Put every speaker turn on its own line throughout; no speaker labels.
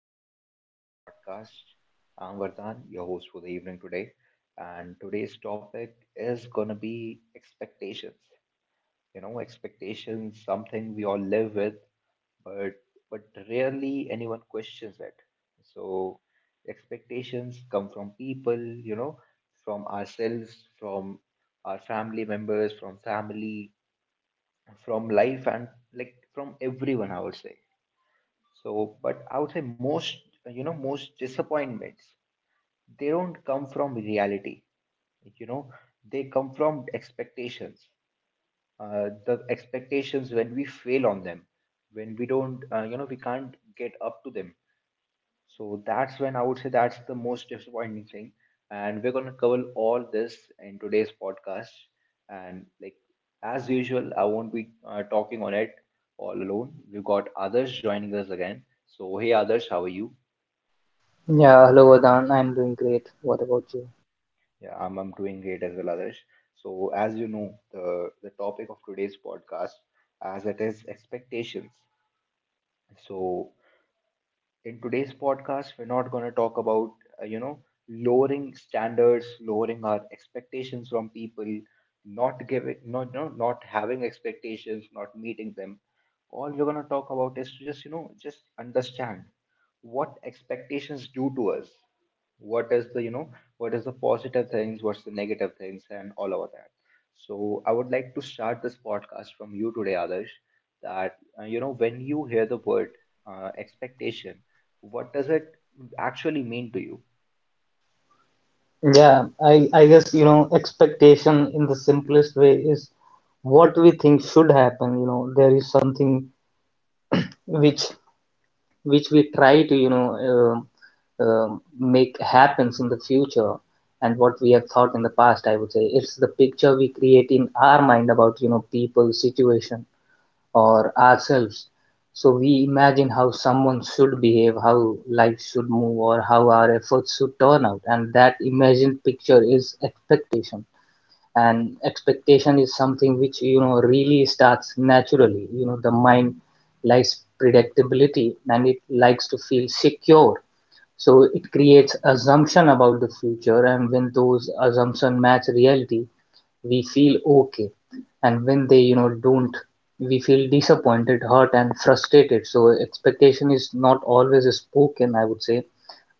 and welcome back to the podcast. I'm Vardhan, your host for the evening today. And today's topic is gonna be expectations. You know, expectations, something we all live with, but but rarely anyone questions it. So expectations come from people, you know, from ourselves, from our family members, from family, from life and like from everyone I would say so, but I would say most, you know, most disappointments, they don't come from reality. Like, you know, they come from expectations. The expectations when we fail on them, when we don't, you know, we can't get up to them. So that's when I would say that's the most disappointing thing. And we're gonna cover all this in today's podcast. And like as usual, I won't be talking on it all alone. We've got others joining us again. So hey, others, how are you?
Yeah, hello Adan. I'm doing great. What about you?
Yeah, I'm doing great as well, Adarsh. So, as you know, the topic of today's podcast, as it is expectations. So, in today's podcast we're not going to talk about you know lowering standards, lowering our expectations from people, not giving, not having expectations, not meeting them. All we're going to talk about is to just, you know, just understand what expectations do to us, what is the, you know, what is the positive things, what's the negative things, and all of that. So I would like to start this podcast from you today, others, that you know, when you hear the word expectation, what does it actually mean to you?
I guess, you know, expectation in the simplest way is what we think should happen. You know, there is something which which we try to, you know, make happens in the future and what we have thought in the past, I would say. It's the picture we create in our mind about, you know, people, situation. Or ourselves. So we imagine how someone should behave, how life should move, or how our efforts should turn out. And that imagined picture is expectation. And expectation is something which, you know, really starts naturally. You know, the mind likes predictability and it likes to feel secure, so it creates assumption about the future, and when those assumptions match reality, we feel okay. And when they, you know, don't, we feel disappointed, hurt and frustrated. So expectation is not always spoken, I would say.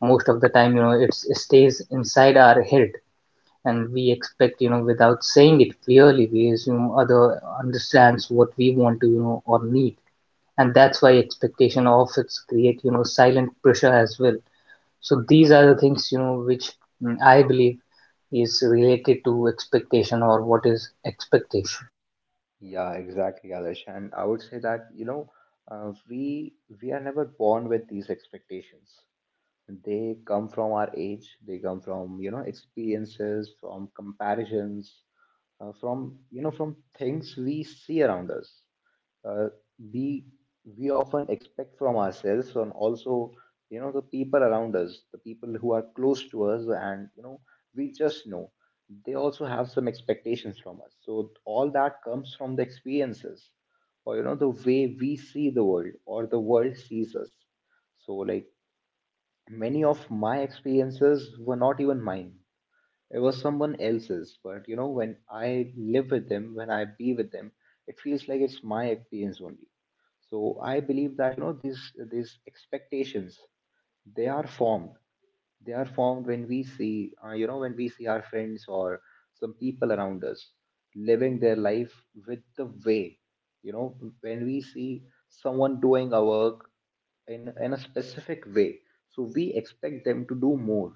Most of the time, you know, it stays inside our head, and we expect, you know, without saying it clearly, we assume other understands what we want to, you know, or need. And that's why expectation often create, you know, silent pressure as well. So these are the things, you know, which, I believe, is related to expectation or what is expectation.
Yeah, exactly, Alish. And I would say that, you know, uh, we we are never born with these expectations. They come from our age, they come from, you know, experiences, from comparisons, from, you know, from things we see around us. uh, we we often expect from ourselves and also, you know, the people around us, the people who are close to us, and you know, we just know they also have some expectations from us. So all that comes from the experiences, or you know, the way we see the world or the world sees us. So like, many of my experiences were not even mine, it was someone else's, but you know, when I live with them, when I be with them, it feels like it's my experience only. So I believe that, you know, these expectations, they are formed they are formed when we see, you know, when we see our friends or some people around us living their life, with the way, you know, when we see someone doing a work in a specific way, so we expect them to do more.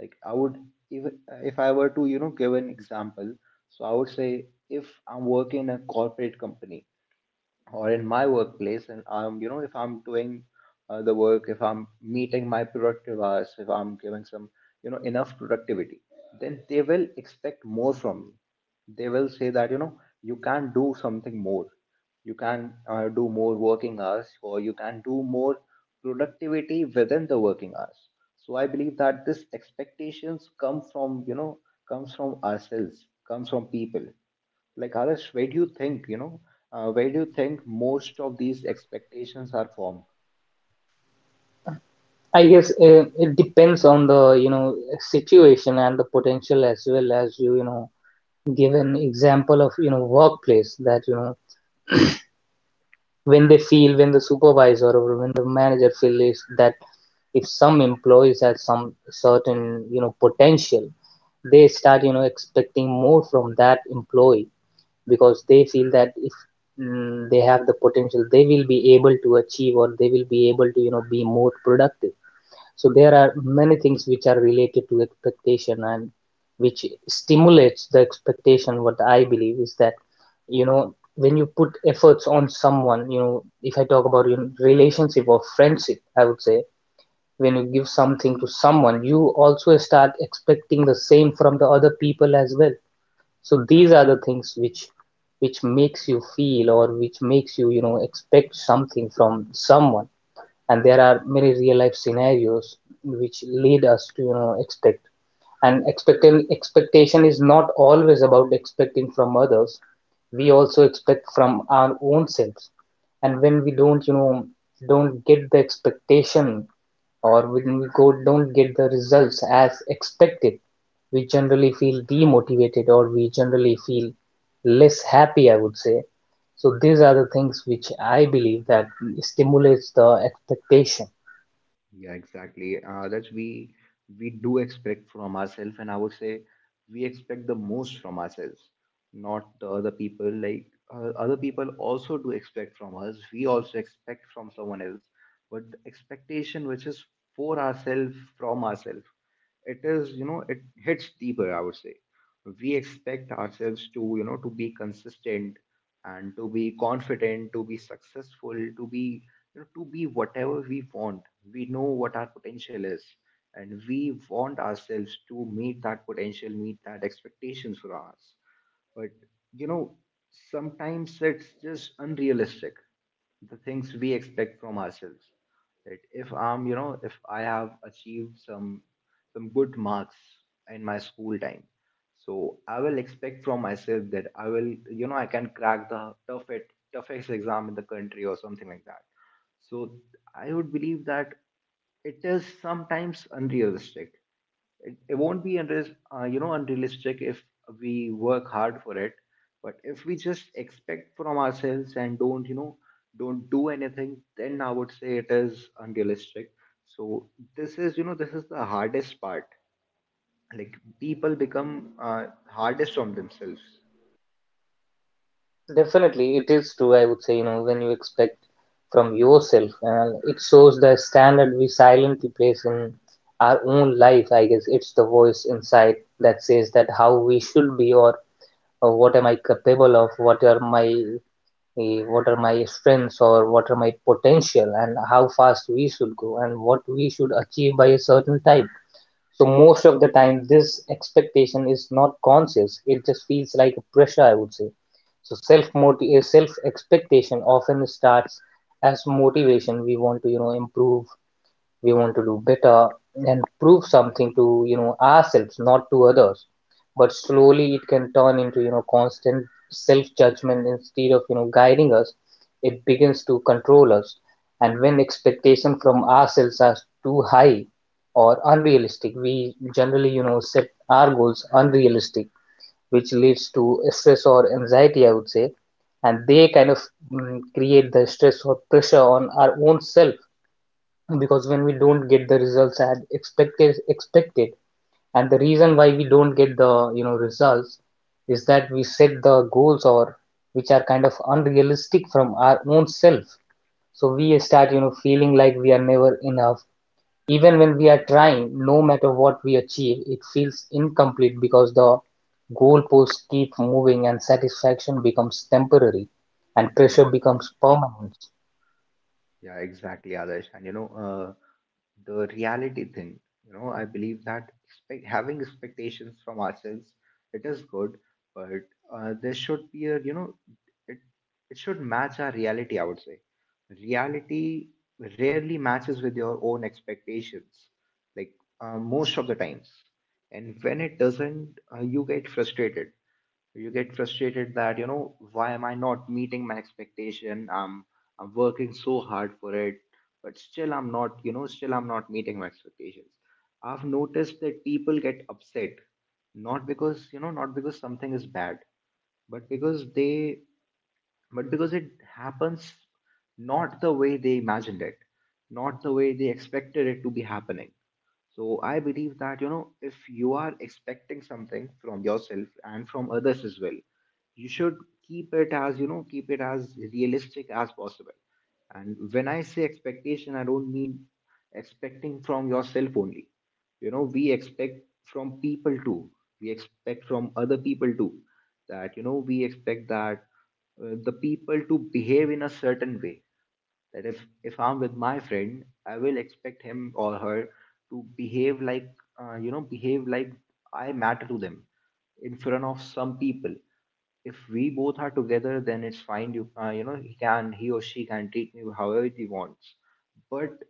Like I would, even if I were to, you know, give an example, so I would say if I'm working in a corporate company or in my workplace, and I'm, you know, if I'm doing the work, if I'm meeting my productive hours, if I'm giving some, you know, enough productivity, then they will expect more from me. They will say that, you know, you can do something more, you can do more working hours, or you can do more productivity within the working hours. So I believe that this expectations come from, you know, comes from ourselves, comes from people. Like Adarsh, where do you think, you know, where do you think most of these expectations are formed?
I guess it depends on the, you know, situation and the potential as well. As you, you know, give an example of, you know, workplace, that, you know, when they feel, when the supervisor or when the manager feels, is that if some employees have some certain, you know, potential, they start, you know, expecting more from that employee, because they feel that if, they have the potential, they will be able to achieve, or they will be able to, you know, be more productive. So there are many things which are related to expectation, and which stimulates the expectation. What I believe is that, you know, when you put efforts on someone, you know, if I talk about, you know, relationship or friendship, I would say, when you give something to someone, you also start expecting the same from the other people as well. So these are the things which makes you feel, or which makes you, you know, expect something from someone. And there are many real life scenarios which lead us to, you know, expect. And expecting expectation is not always about expecting from others. We also expect from our own selves. And when we don't, you know, don't get the expectation, or when we go don't get the results as expected, we generally feel demotivated, or we generally feel less happy, I would say. So these are the things which I believe that stimulates the expectation.
Yeah, exactly. That we do expect from ourselves, and I would say we expect the most from ourselves, not the other people. Like other people also do expect from us. We also expect from someone else, but the expectation which is for ourselves from ourselves, it is, you know, it hits deeper I would say. We expect ourselves to, you know, to be consistent, and to be confident, to be successful, to be, you know, to be whatever we want. We know what our potential is, and we want ourselves to meet that potential, meet that expectations for us. But you know, sometimes it's just unrealistic, the things we expect from ourselves. That if I'm, you know, if I have achieved some good marks in my school time, so I will expect from myself that I will, you know, I can crack the toughest exam in the country or something like that. So I would believe that it is sometimes unrealistic. It won't be unreal, you know, unrealistic if we work hard for it, but if we just expect from ourselves and don't, you know, don't do anything, then I would say it is unrealistic. So this is, you know, this is the hardest part. Like people become hardest on themselves.
Definitely, it is true. I would say, you know, when you expect from yourself, and it shows the standard we silently place in our own life. I guess it's the voice inside that says that how we should be, or what am I capable of, what are my what are my strengths, or what are my potential, and how fast we should go, and what we should achieve by a certain time. So most of the time, this expectation is not conscious. It just feels like a pressure, I would say. So self expectation often starts as motivation. We want to, you know, improve, we want to do better and prove something to, you know, ourselves, not to others. But slowly it can turn into, you know, constant self judgment. Instead of, you know, guiding us, it begins to control us. And when expectation from ourselves are too high or unrealistic, we generally, you know, set our goals unrealistic, which leads to stress or anxiety, I would say. And they kind of, create the stress or pressure on our own self, because when we don't get the results as expected. And the reason why we don't get the, you know, results, is that we set the goals, or, which are kind of unrealistic from our own self. So we start, you know, feeling like we are never enough, even when we are trying. No matter what we achieve, it feels incomplete, because the goalposts keep moving, and satisfaction becomes temporary and
Yeah,
pressure becomes
exactly.
permanent.
Yeah, exactly, Adarsh. And you know, the reality thing, you know, I believe that expect, having expectations from ourselves, it is good, but there should be a, you know, it, it should match our reality, I would say. Reality rarely matches with your own expectations, like most of the times. And when it doesn't, you get frustrated, that you know, why am I not meeting my expectation? I'm working so hard for it, but still I'm not, you know, still I'm not meeting my expectations. I've noticed that people get upset not because, you know, not because something is bad, but because but because it happens not the way they imagined it, not the way they expected it to be happening. So I believe that, you know, if you are expecting something from yourself and from others as well, you should keep it as, you know, keep it as realistic as possible. And when I say expectation, I don't mean expecting from yourself only. You know, we expect from people too. We expect from other people too. That, you know, we expect that the people to behave in a certain way. That if I'm with my friend, I will expect him or her to behave like, you know, behave like I matter to them in front of some people. If we both are together, then it's fine, you, you know, he can, he or she can treat me however he wants. But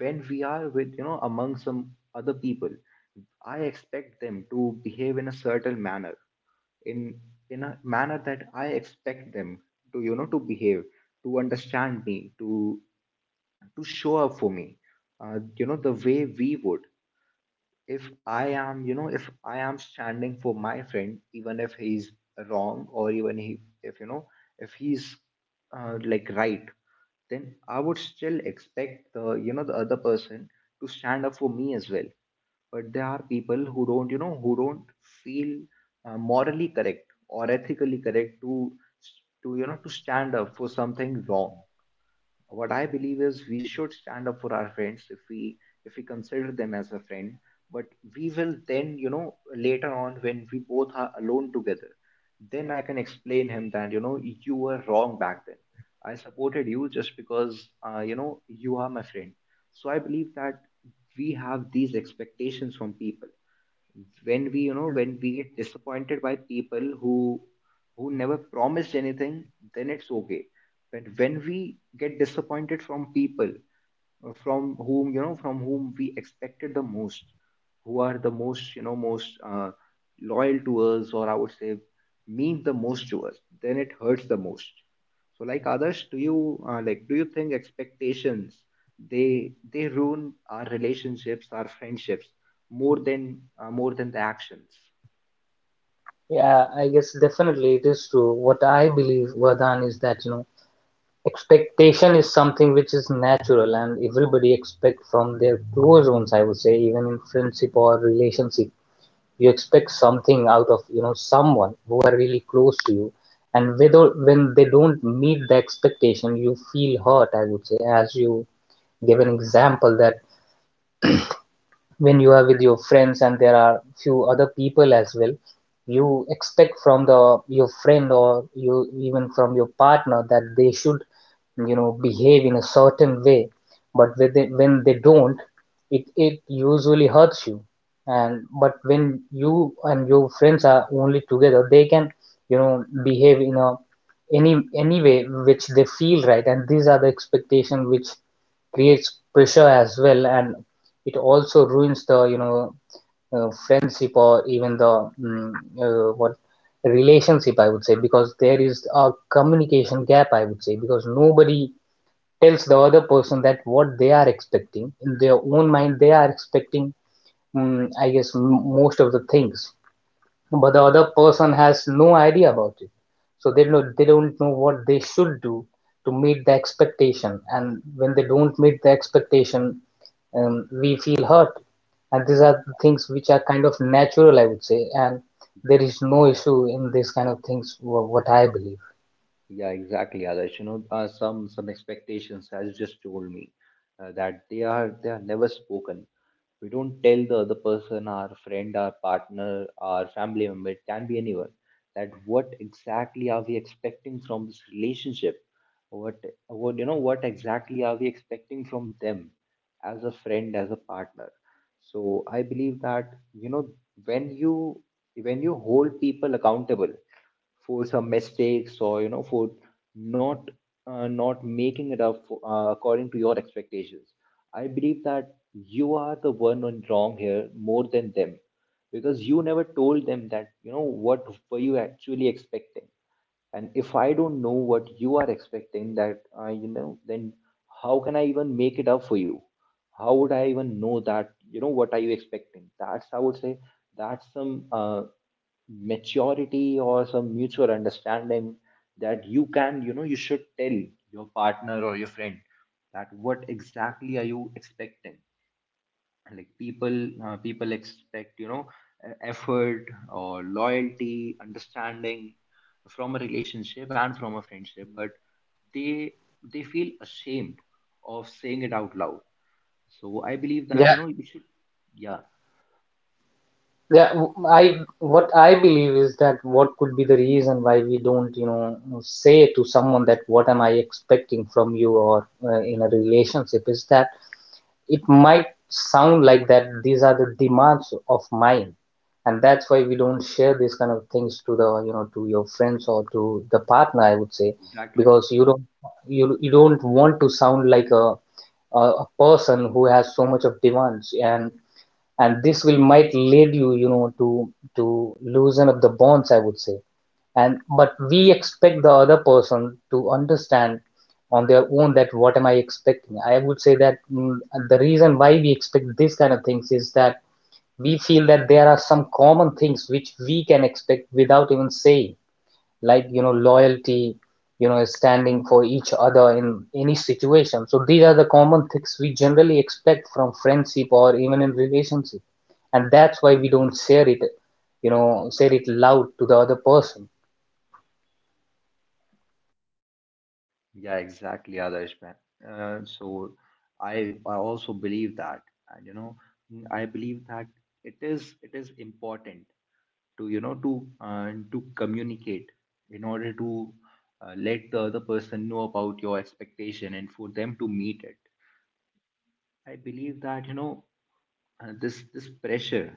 when we are with, you know, among some other people, I expect them to behave in a certain manner, in in a manner that I expect them to, you know, to behave, to understand me, to show up for me, you know, the way we would. If I am, you know, if I am standing for my friend, even if he's wrong, or even he, if you know, if he's like right, then I would still expect the, you know, the other person to stand up for me as well. But there are people who don't, you know, who don't feel morally correct or ethically correct to you know, to stand up for something wrong. What I believe is we should stand up for our friends if we, if we consider them as a friend. But we will then, you know, later on when we both are alone together, then I can explain him that, you know, you were wrong back then, I supported you just because, you know, you are my friend. So I believe that we have these expectations from people. When we, you know, when we get disappointed by people who never promised anything, then it's okay. But when we get disappointed from people, from whom, you know, from whom we expected the most, who are the most, you know, most, loyal to us, or I would say mean the most to us, then it hurts the most. So like others, do you, like, do you think expectations, they ruin our relationships, our friendships, more than the actions?
Yeah, I guess definitely it is true. What I believe, Vardhan, is that, you know, expectation is something which is natural, and everybody expect from their close ones, I would say, even in friendship or relationship. You expect something out of, you know, someone who are really close to you. And whether when they don't meet the expectation, you feel hurt, I would say. As you give an example, that when you are with your friends and there are few other people as well, you expect from the your friend, or you even from your partner, that they should, you know, behave in a certain way. But when they don't, it usually hurts you. And but when you and your friends are only together, they can, you know, behave in a any way which they feel right. And these are the expectation which creates pressure as well. And it also ruins the, you know, friendship, or even the what relationship, I would say, because there is a communication gap, I would say, because nobody tells the other person that what they are expecting. In their own mind they are expecting, I guess, most of the things, but the other person has no idea about it. So they don't, they don't know what they should do to meet the expectation. And when they don't meet the expectation, we feel hurt. And these are the things which are kind of natural, I would say, and there is no issue in these kind of things, what I believe.
Yeah, exactly, Adarsh. You know, some expectations, as you just told me, that they are never spoken. We don't tell the other person, our friend, our partner, our family member, it can be anyone, that what exactly are we expecting from this relationship? What what you know, what exactly are we expecting from them as a friend, as a partner? So I believe that, when you when you hold people accountable for some mistakes or for not not making it up for, according to your expectations. I believe that you are the one on wrong here more than them, because you never told them that, you know, what were you actually expecting. And if I don't know what you are expecting, that you know then how can I even make it up for you? How would I even know that you know what are you expecting? That's, I would say, that's some maturity or some mutual understanding, that you can, you know, you should tell your partner or your friend that what exactly are you expecting. Like people, people expect, you know, effort or loyalty, understanding, from a relationship and from a friendship. But they they feel ashamed of saying it out loud. So I believe that,
Yeah.
you know, you should. Yeah.
Yeah. w- I What I believe is that what could be the reason why we don't, you know, say to someone that what am I expecting from you, or in a relationship, is that it might sound like that these are the demands of mine. And that's why we don't share these kind of things to the, you know, to your friends or to the partner, I would say.
exactly
Because you don't, you don't want to sound like a person who has so much of demands. And this will might lead you, you know, to loosen up the bonds, I would say. And but we expect the other person to understand on their own that what am I expecting, I would say. That, the reason why we expect these kind of things is that we feel that there are some common things which we can expect without even saying, like, you know, loyalty, you know, standing for each other in any situation. So these are the common things we generally expect from friendship, or even in relationship, and that's why we don't share it, you know, share it loud to the other person.
yeah, exactly, Adarsh, man. So I also believe that, and you know, I believe that it is, it is important to, you know, to communicate in order to let the other person know about your expectation and for them to meet it. I believe that, you know, this, this pressure,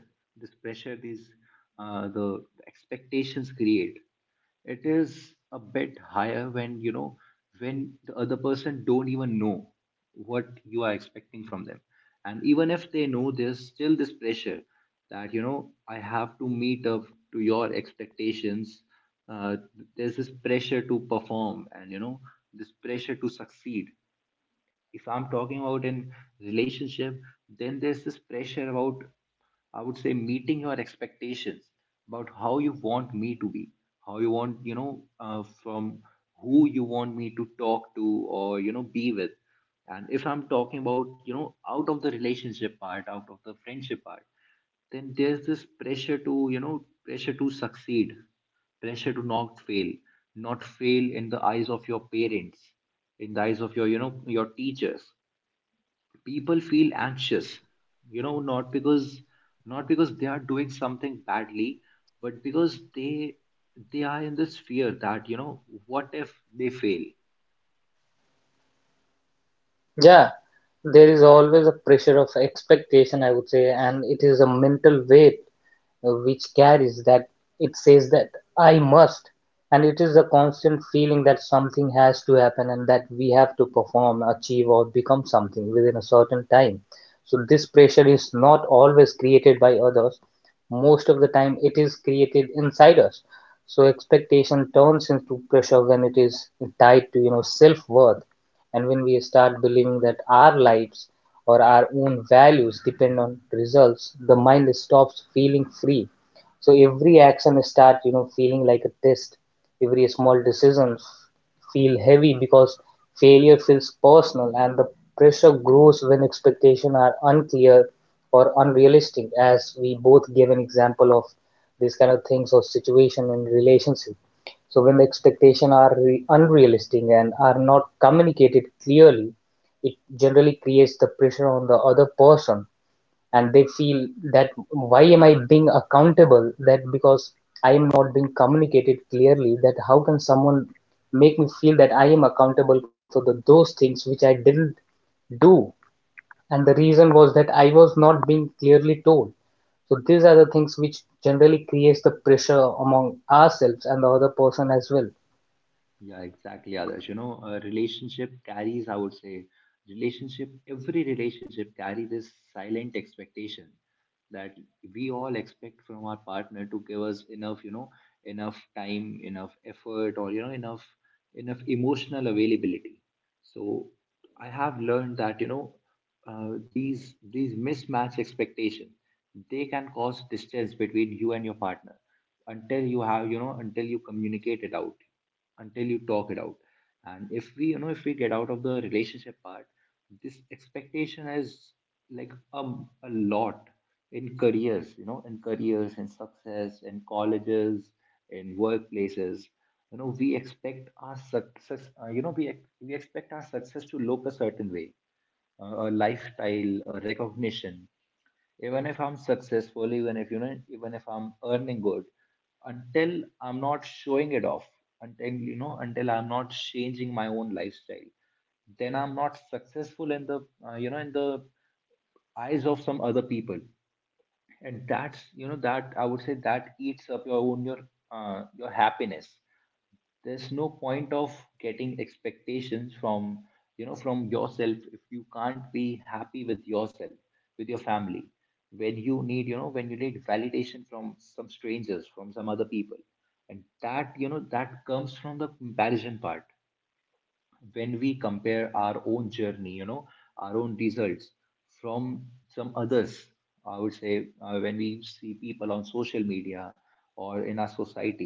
this pressure, these, the expectations create, it is a bit higher when, you know, when the other person don't even know what you are expecting from them. And even if they know, there's still this pressure that, you know, I have to meet up to your expectations. uh, there's this pressure to perform, and you know, this pressure to succeed. If I'm talking about in relationship, then there's this pressure about, I would say, meeting your expectations, about how you want me to be, how you want, from who you want me to talk to, or you know, be with. And if I'm talking about, you know, out of the relationship part, out of the friendship part, then there's this pressure to, you know, pressure to succeed, pressure to not fail, not fail in the eyes of your parents, in the eyes of your, you know, your teachers. People feel anxious, you know, not because, not because they are doing something badly, but because they are in this fear that, you know, what if they fail?
Yeah, there is always a pressure of expectation, I would say, and it is a mental weight which carries, that it says that I must. And it is a constant feeling that something has to happen, and that we have to perform, achieve, or become something within a certain time. So, this pressure is not always created by others, most of the time, it is created inside us. So, expectation turns into pressure when it is tied to, you know, self worth. And when we start believing that our lives or our own values depend on results, the mind stops feeling free. So every action starts, you know, feeling like a test. Every small decision feel heavy, because failure feels personal. And the pressure grows when expectations are unclear or unrealistic, as we both gave an example of these kind of things or situation in relationship. So when the expectations are unrealistic and are not communicated clearly, it generally creates the pressure on the other person, and they feel that why am I being accountable? That because I am not being communicated clearly. That how can someone make me feel that I am accountable for the, those things which I didn't do? And the reason was that I was not being clearly told. So these are the things which generally creates the pressure among ourselves and the other person as well.
Yeah, exactly, Adarsh. You know, a relationship carries, I would say, relationship, every relationship carries this silent expectation, that we all expect from our partner to give us enough, you know, enough time, enough effort, or, you know, enough, enough emotional availability. So I have learned that, you know, these mismatched expectations, they can cause distance between you and your partner, until you have, you know, until you communicate it out, until you talk it out. And if we, you know, if we get out of the relationship part, this expectation is like a lot, in careers, you know, in careers, in success, in colleges, in workplaces. You know, we expect our success, uh, you know, we expect our success to look a certain way, a lifestyle, a recognition. Even if I'm successful, even if, you know, even if I'm earning good, until I'm not showing it off, until, you know, until I'm not changing my own lifestyle, then I'm not successful in the, in the eyes of some other people. And that's, you know, that, I would say, that eats up your own, your happiness. There's no point of getting expectations from, you know, from yourself, if you can't be happy with yourself, with your family, when you need, you know, when you need validation from some strangers, from some other people. And that, you know, that comes from the comparison part, when we compare our own journey, you know, our own results, from some others. I would say, when we see people on social media or in our society,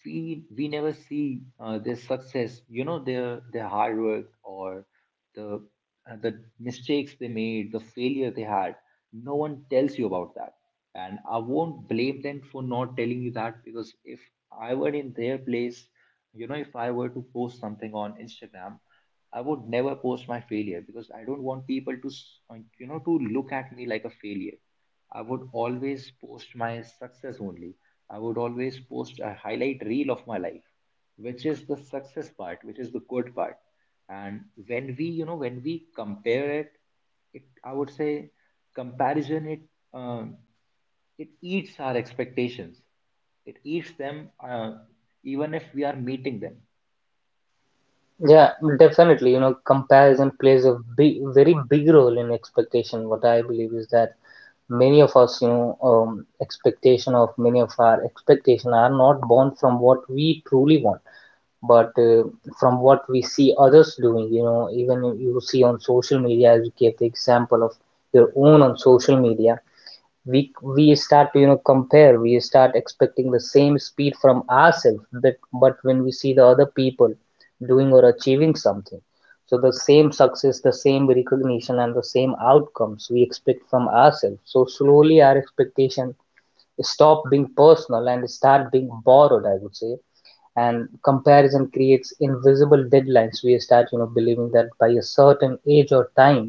we never see their success, you know, their hard work, or the, the mistakes they made, the failure they had. No one tells you about that. And I won't blame them for not telling you that, because if I were in their place, you know, if I were to post something on Instagram, I would never post my failure, because I don't want people to you know, to look at me like a failure. I would always post my success only. I would always post a highlight reel of my life, which is the success part, which is the good part. And when we, you know, when we compare it, it, I would say, comparison, it, um, it eats our expectations. It eats them, even if we are meeting them.
Yeah, definitely. You know, comparison plays a very big role in expectation. What I believe is that many of us, you know, expectation of many of our expectation are not born from what we truly want, but from what we see others doing. You know, even you see on social media, as you gave the example of your own on social media, we we start to compare. We start expecting the same speed from ourselves, but when we see the other people doing or achieving something, so the same success, the same recognition, and the same outcomes we expect from ourselves. So slowly our expectation stop being personal and start being borrowed, I would say. And comparison creates invisible deadlines. We start believing that by a certain age or time,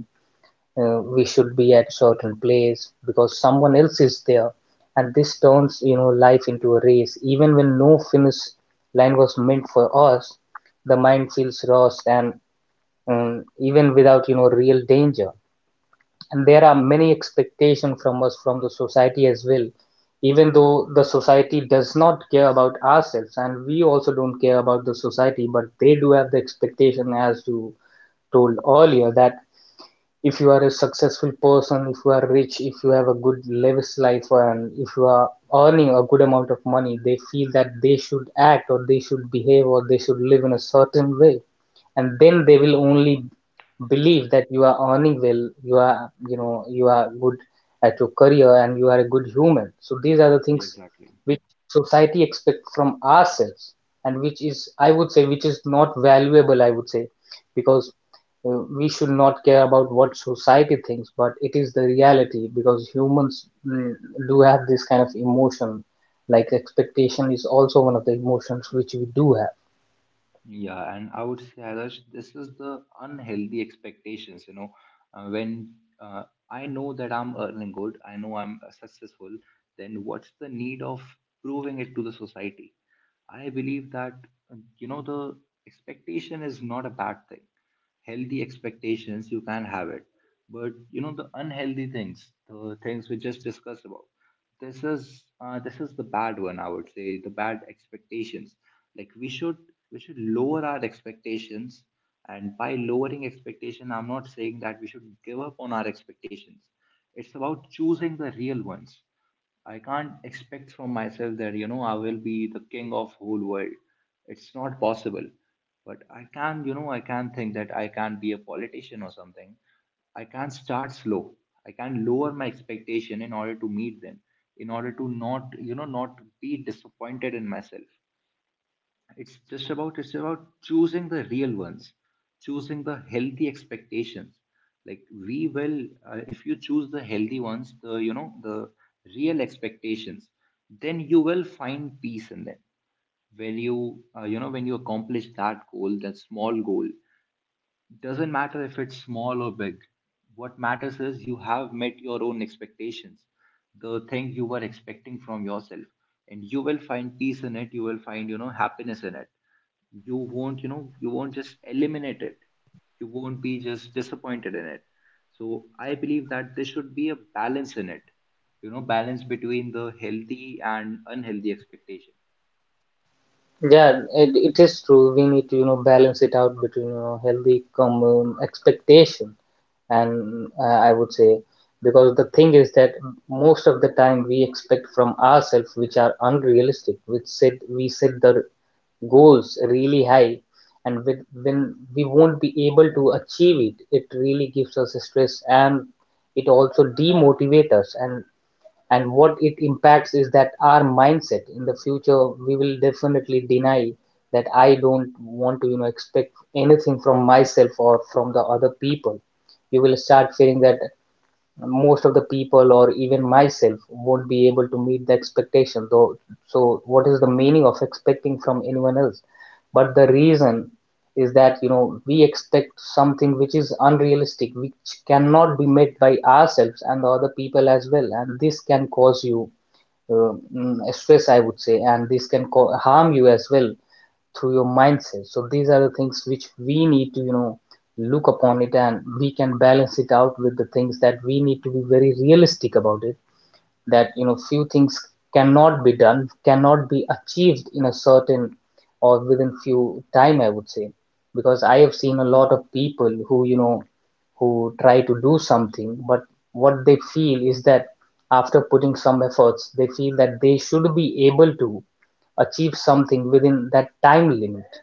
we should be at a certain place because someone else is there. And this turns life into a race even when no finish line was meant for us. The mind feels lost, and even without real danger. And there are many expectations from us, from the society as well, even though the society does not care about ourselves, and we also don't care about the society, but they do have the expectation, as you told earlier, that if you are a successful person, if you are rich, if you have a good lavish life, and if you are earning a good amount of money, they feel that they should act or they should behave or they should live in a certain way. And then they will only believe that you are earning well, you are you are good at your career and you are a good human. So these are the
Yeah,
things
exactly.
which society expects from ourselves, and which is, I would say, which is not valuable, I would say. Because we should not care about what society thinks, but it is the reality, because humans do have this kind of emotion. Like expectation is also one of the emotions which we do.
Yeah, and I would say, Adarsh, this is the unhealthy expectations. You know, when, uh, I know that I'm earning good, I know I'm successful, then what's the need of proving it to the society? I believe that, you know, the expectation is not a bad thing. Healthy expectations, you can have it. But, you know, the unhealthy things, the things we just discussed about, this is, this is the bad one, I would say, the bad expectations. Like we should, we should lower our expectations. And by lowering expectation, I'm not saying that we should give up on our expectations. It's about choosing the real ones. I can't expect from myself that, you know, I will be the king of whole world. It's not possible. But I can, you know, I can think that I can be a politician or something. I can start slow. I can lower my expectation in order to meet them, in order to not, you know, not be disappointed in myself. It's just about, it's about choosing the real ones, choosing the healthy expectations. Like we will, if you choose the healthy ones, the, you know, the real expectations, then you will find peace in them. When you, you know, when you accomplish that goal, that small goal, doesn't matter if it's small or big. What matters is you have met your own expectations, the thing you were expecting from yourself. And you will find peace in it, you will find, you know, happiness in it. You won't, you know, you won't just eliminate it. You won't be just disappointed in it. So I believe that there should be a balance in it. You know, balance between the healthy and unhealthy expectation.
Yeah, it is true. We need to balance it out between healthy com expectation, and I would say, because the thing is that most of the time we expect from ourselves which are unrealistic, which set we set the goals really high. And when we won't be able to achieve it really gives us a stress, and it also demotivates us, and what it impacts is that our mindset in the future, we will definitely deny that I don't want to expect anything from myself or from the other people. You will start feeling that most of the people or even myself won't be able to meet the expectation though. So what is the meaning of expecting from anyone else? But the reason is that we expect something which is unrealistic, which cannot be met by ourselves and the other people as well. And this can cause you stress, I would say. And this harm you as well through your mindset. So these are the things which we need to look upon it, and we can balance it out with the things that we need to be very realistic about it, that few things cannot be done, cannot be achieved in a certain or within few time, I would say. Because I have seen a lot of people who who try to do something, but what they feel is that after putting some efforts, they feel that they should be able to achieve something within that time limit.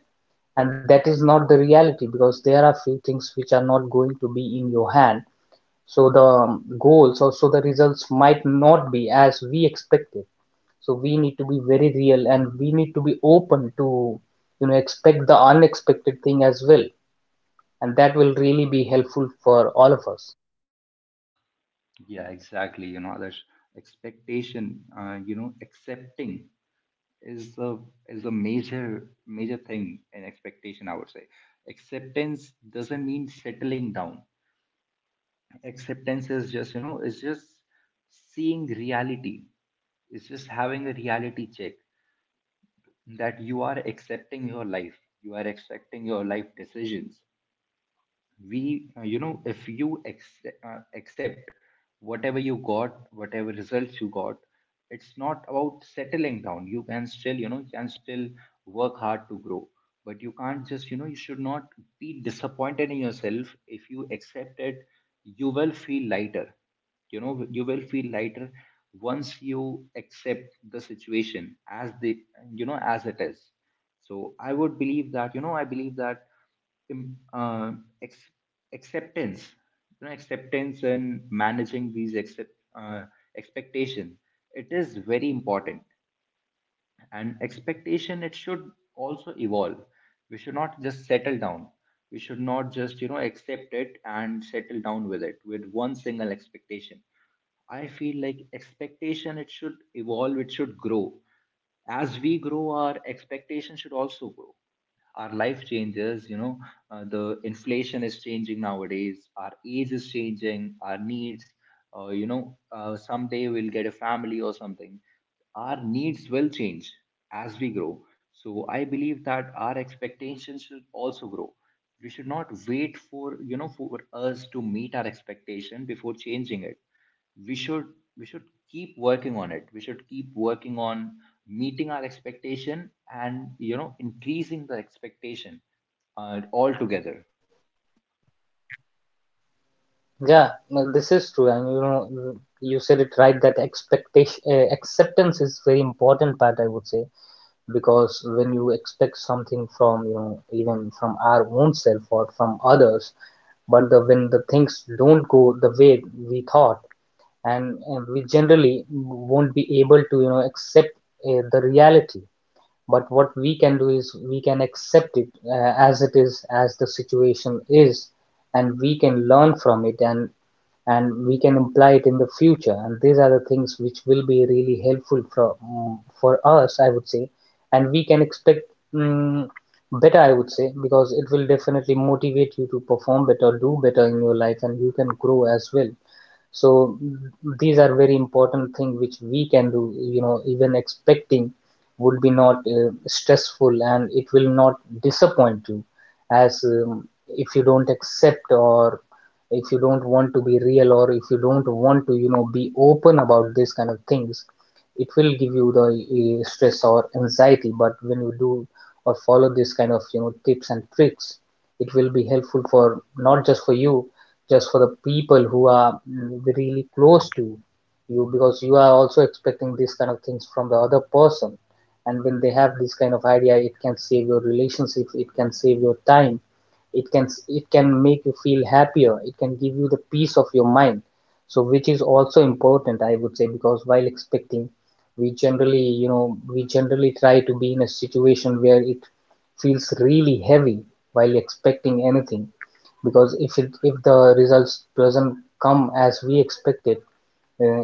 And that is not the reality, because there are few things which are not going to be in your hand. So the goals, or so the results, might not be as we expected. So we need to be very real, and we need to be open to expect the unexpected thing as well. And that will really be helpful for all of us.
Yeah, exactly. You know, that's, expectation, you know, accepting is the, is the major, major thing in expectation, I would say. Acceptance doesn't mean settling down. Acceptance is just, you know, it's just seeing reality, it's just having a reality check, that you are accepting your life, you are accepting your life decisions. We you know if you ex accept whatever you got, whatever results you got, it's not about settling down. You can still, you know, you can still work hard to grow. But you can't just, you know, you should not be disappointed in yourself. If you accept it, you will feel lighter, you know, you will feel lighter once you accept the situation as the, you know, as it is. So I would believe that, you know, I believe that, im- uh, ex- acceptance, you know, acceptance and managing these expectation, it is very important. And expectation, it should also evolve. We should not just settle down, we should not just, you know, accept it and settle down with it, with one single expectation. I feel like expectation, it should evolve, it should grow. As we grow, our expectation should also grow. Our life changes, you know, the inflation is changing nowadays, our age is changing, our needs, you know, someday we'll get a family or something, our needs will change as we grow. So I believe that our expectations should also grow. We should not wait for, you know, for us to meet our expectation before changing it. We should, we should keep working on it, we should keep working on meeting our expectation and, you know, increasing the expectation, altogether.
Yeah, no, this is true. And you said it right, that expectation acceptance is very important part, I would say. Because when you expect something from even from our own self or from others, but the when the things don't go the way we thought, and we generally won't be able to accept the reality. But what we can do is we can accept it, as it is, as the situation is, and we can learn from it, and we can apply it in the future. And these are the things which will be really helpful for, for us, I would say. And we can expect mm better, I would say, because it will definitely motivate you to perform better, do better in your life, and you can grow as well. So these are very important things which we can do, even expecting would be not stressful, and it will not disappoint you, as if you don't accept, or if you don't want to be real, or if you don't want to be open about these kind of things, it will give you the stress or anxiety. But when you do or follow this kind of tips and tricks, it will be helpful for not just for you, just for the people who are really close to you, because you are also expecting these kind of things from the other person. And when they have this kind of idea, it can save your relationship, it can save your time, it can make you feel happier, it can give you the peace of your mind, so which is also important, I would say. Because while expecting, we generally try to be in a situation where it feels really heavy while expecting anything, because if the results doesn't come as we expected, uh,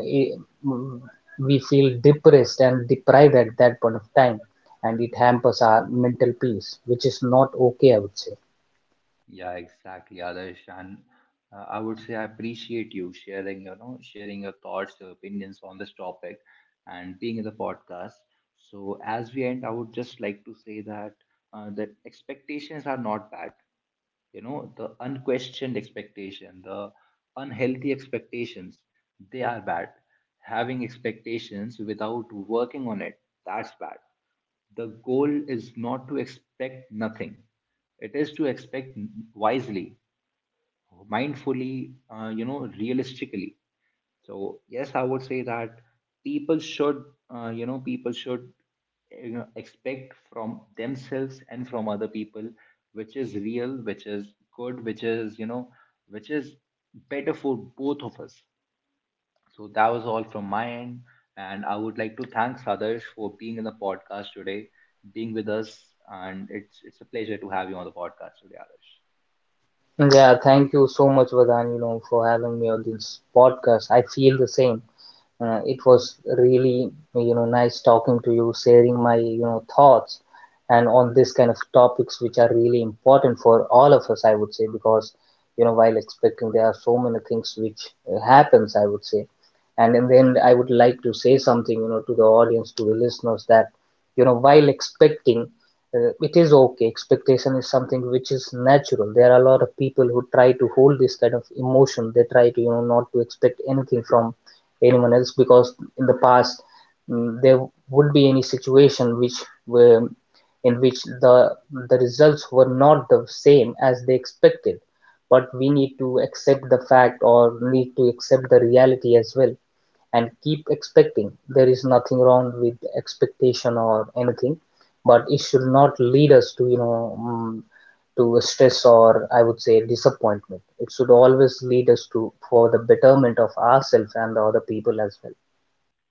mm, we feel depressed and deprived at that point of time, and it hampers our mental peace, which is not okay, I would say.
Yeah, exactly, Adarsh. And I would say I appreciate you sharing, you know, sharing your thoughts, your opinions on this topic and being in the podcast. So as we end, I would just like to say that, that expectations are not bad. You know, the unquestioned expectation, the unhealthy expectations, they are bad. Having expectations without working on it, that's bad. The goal is not to expect nothing, it is to expect wisely, mindfully, you know, realistically. So yes, I would say that people should, you know, people should, you know, expect from themselves and from other people, which is real, which is good, which is, you know, which is better for both of us. So that was all from my end, and I would like to thank Sadarsh for being in the podcast today, being with us, and it's a pleasure to have you on the podcast today, Adarsh.
Yeah, thank you so much, Vadan, for having me on this podcast. I feel the same. It was really, nice talking to you, sharing my, thoughts and on this kind of topics which are really important for all of us, I would say, because, while expecting, there are so many things which happens, I would say. And then I would like to say something, to the audience, to the listeners, that, while expecting, it is okay. Expectation is something which is natural. There are a lot of people who try to hold this kind of emotion. They try to not to expect anything from anyone else, because in the past, there would be any situation which were, in which the the results were not the same as they expected. But we need to accept the fact, or need to accept the reality as well, and keep expecting. There is nothing wrong with expectation or anything, but it should not lead us to, to stress, or I would say, disappointment. It should always lead us to for the betterment of ourselves and the other people as well.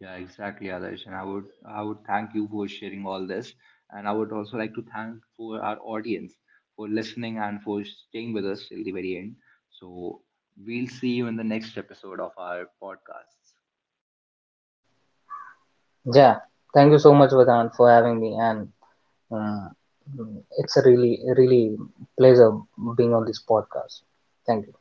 Yeah, exactly, Adarsh. And I would, I would thank you for sharing all this. And I would also like to thank for our audience for listening and for staying with us till the very end. So we'll see you in the next episode of our podcast.
Yeah, thank you so much, Vedant, for having me, and uh, it's a really, really pleasure being on this podcast. Thank you.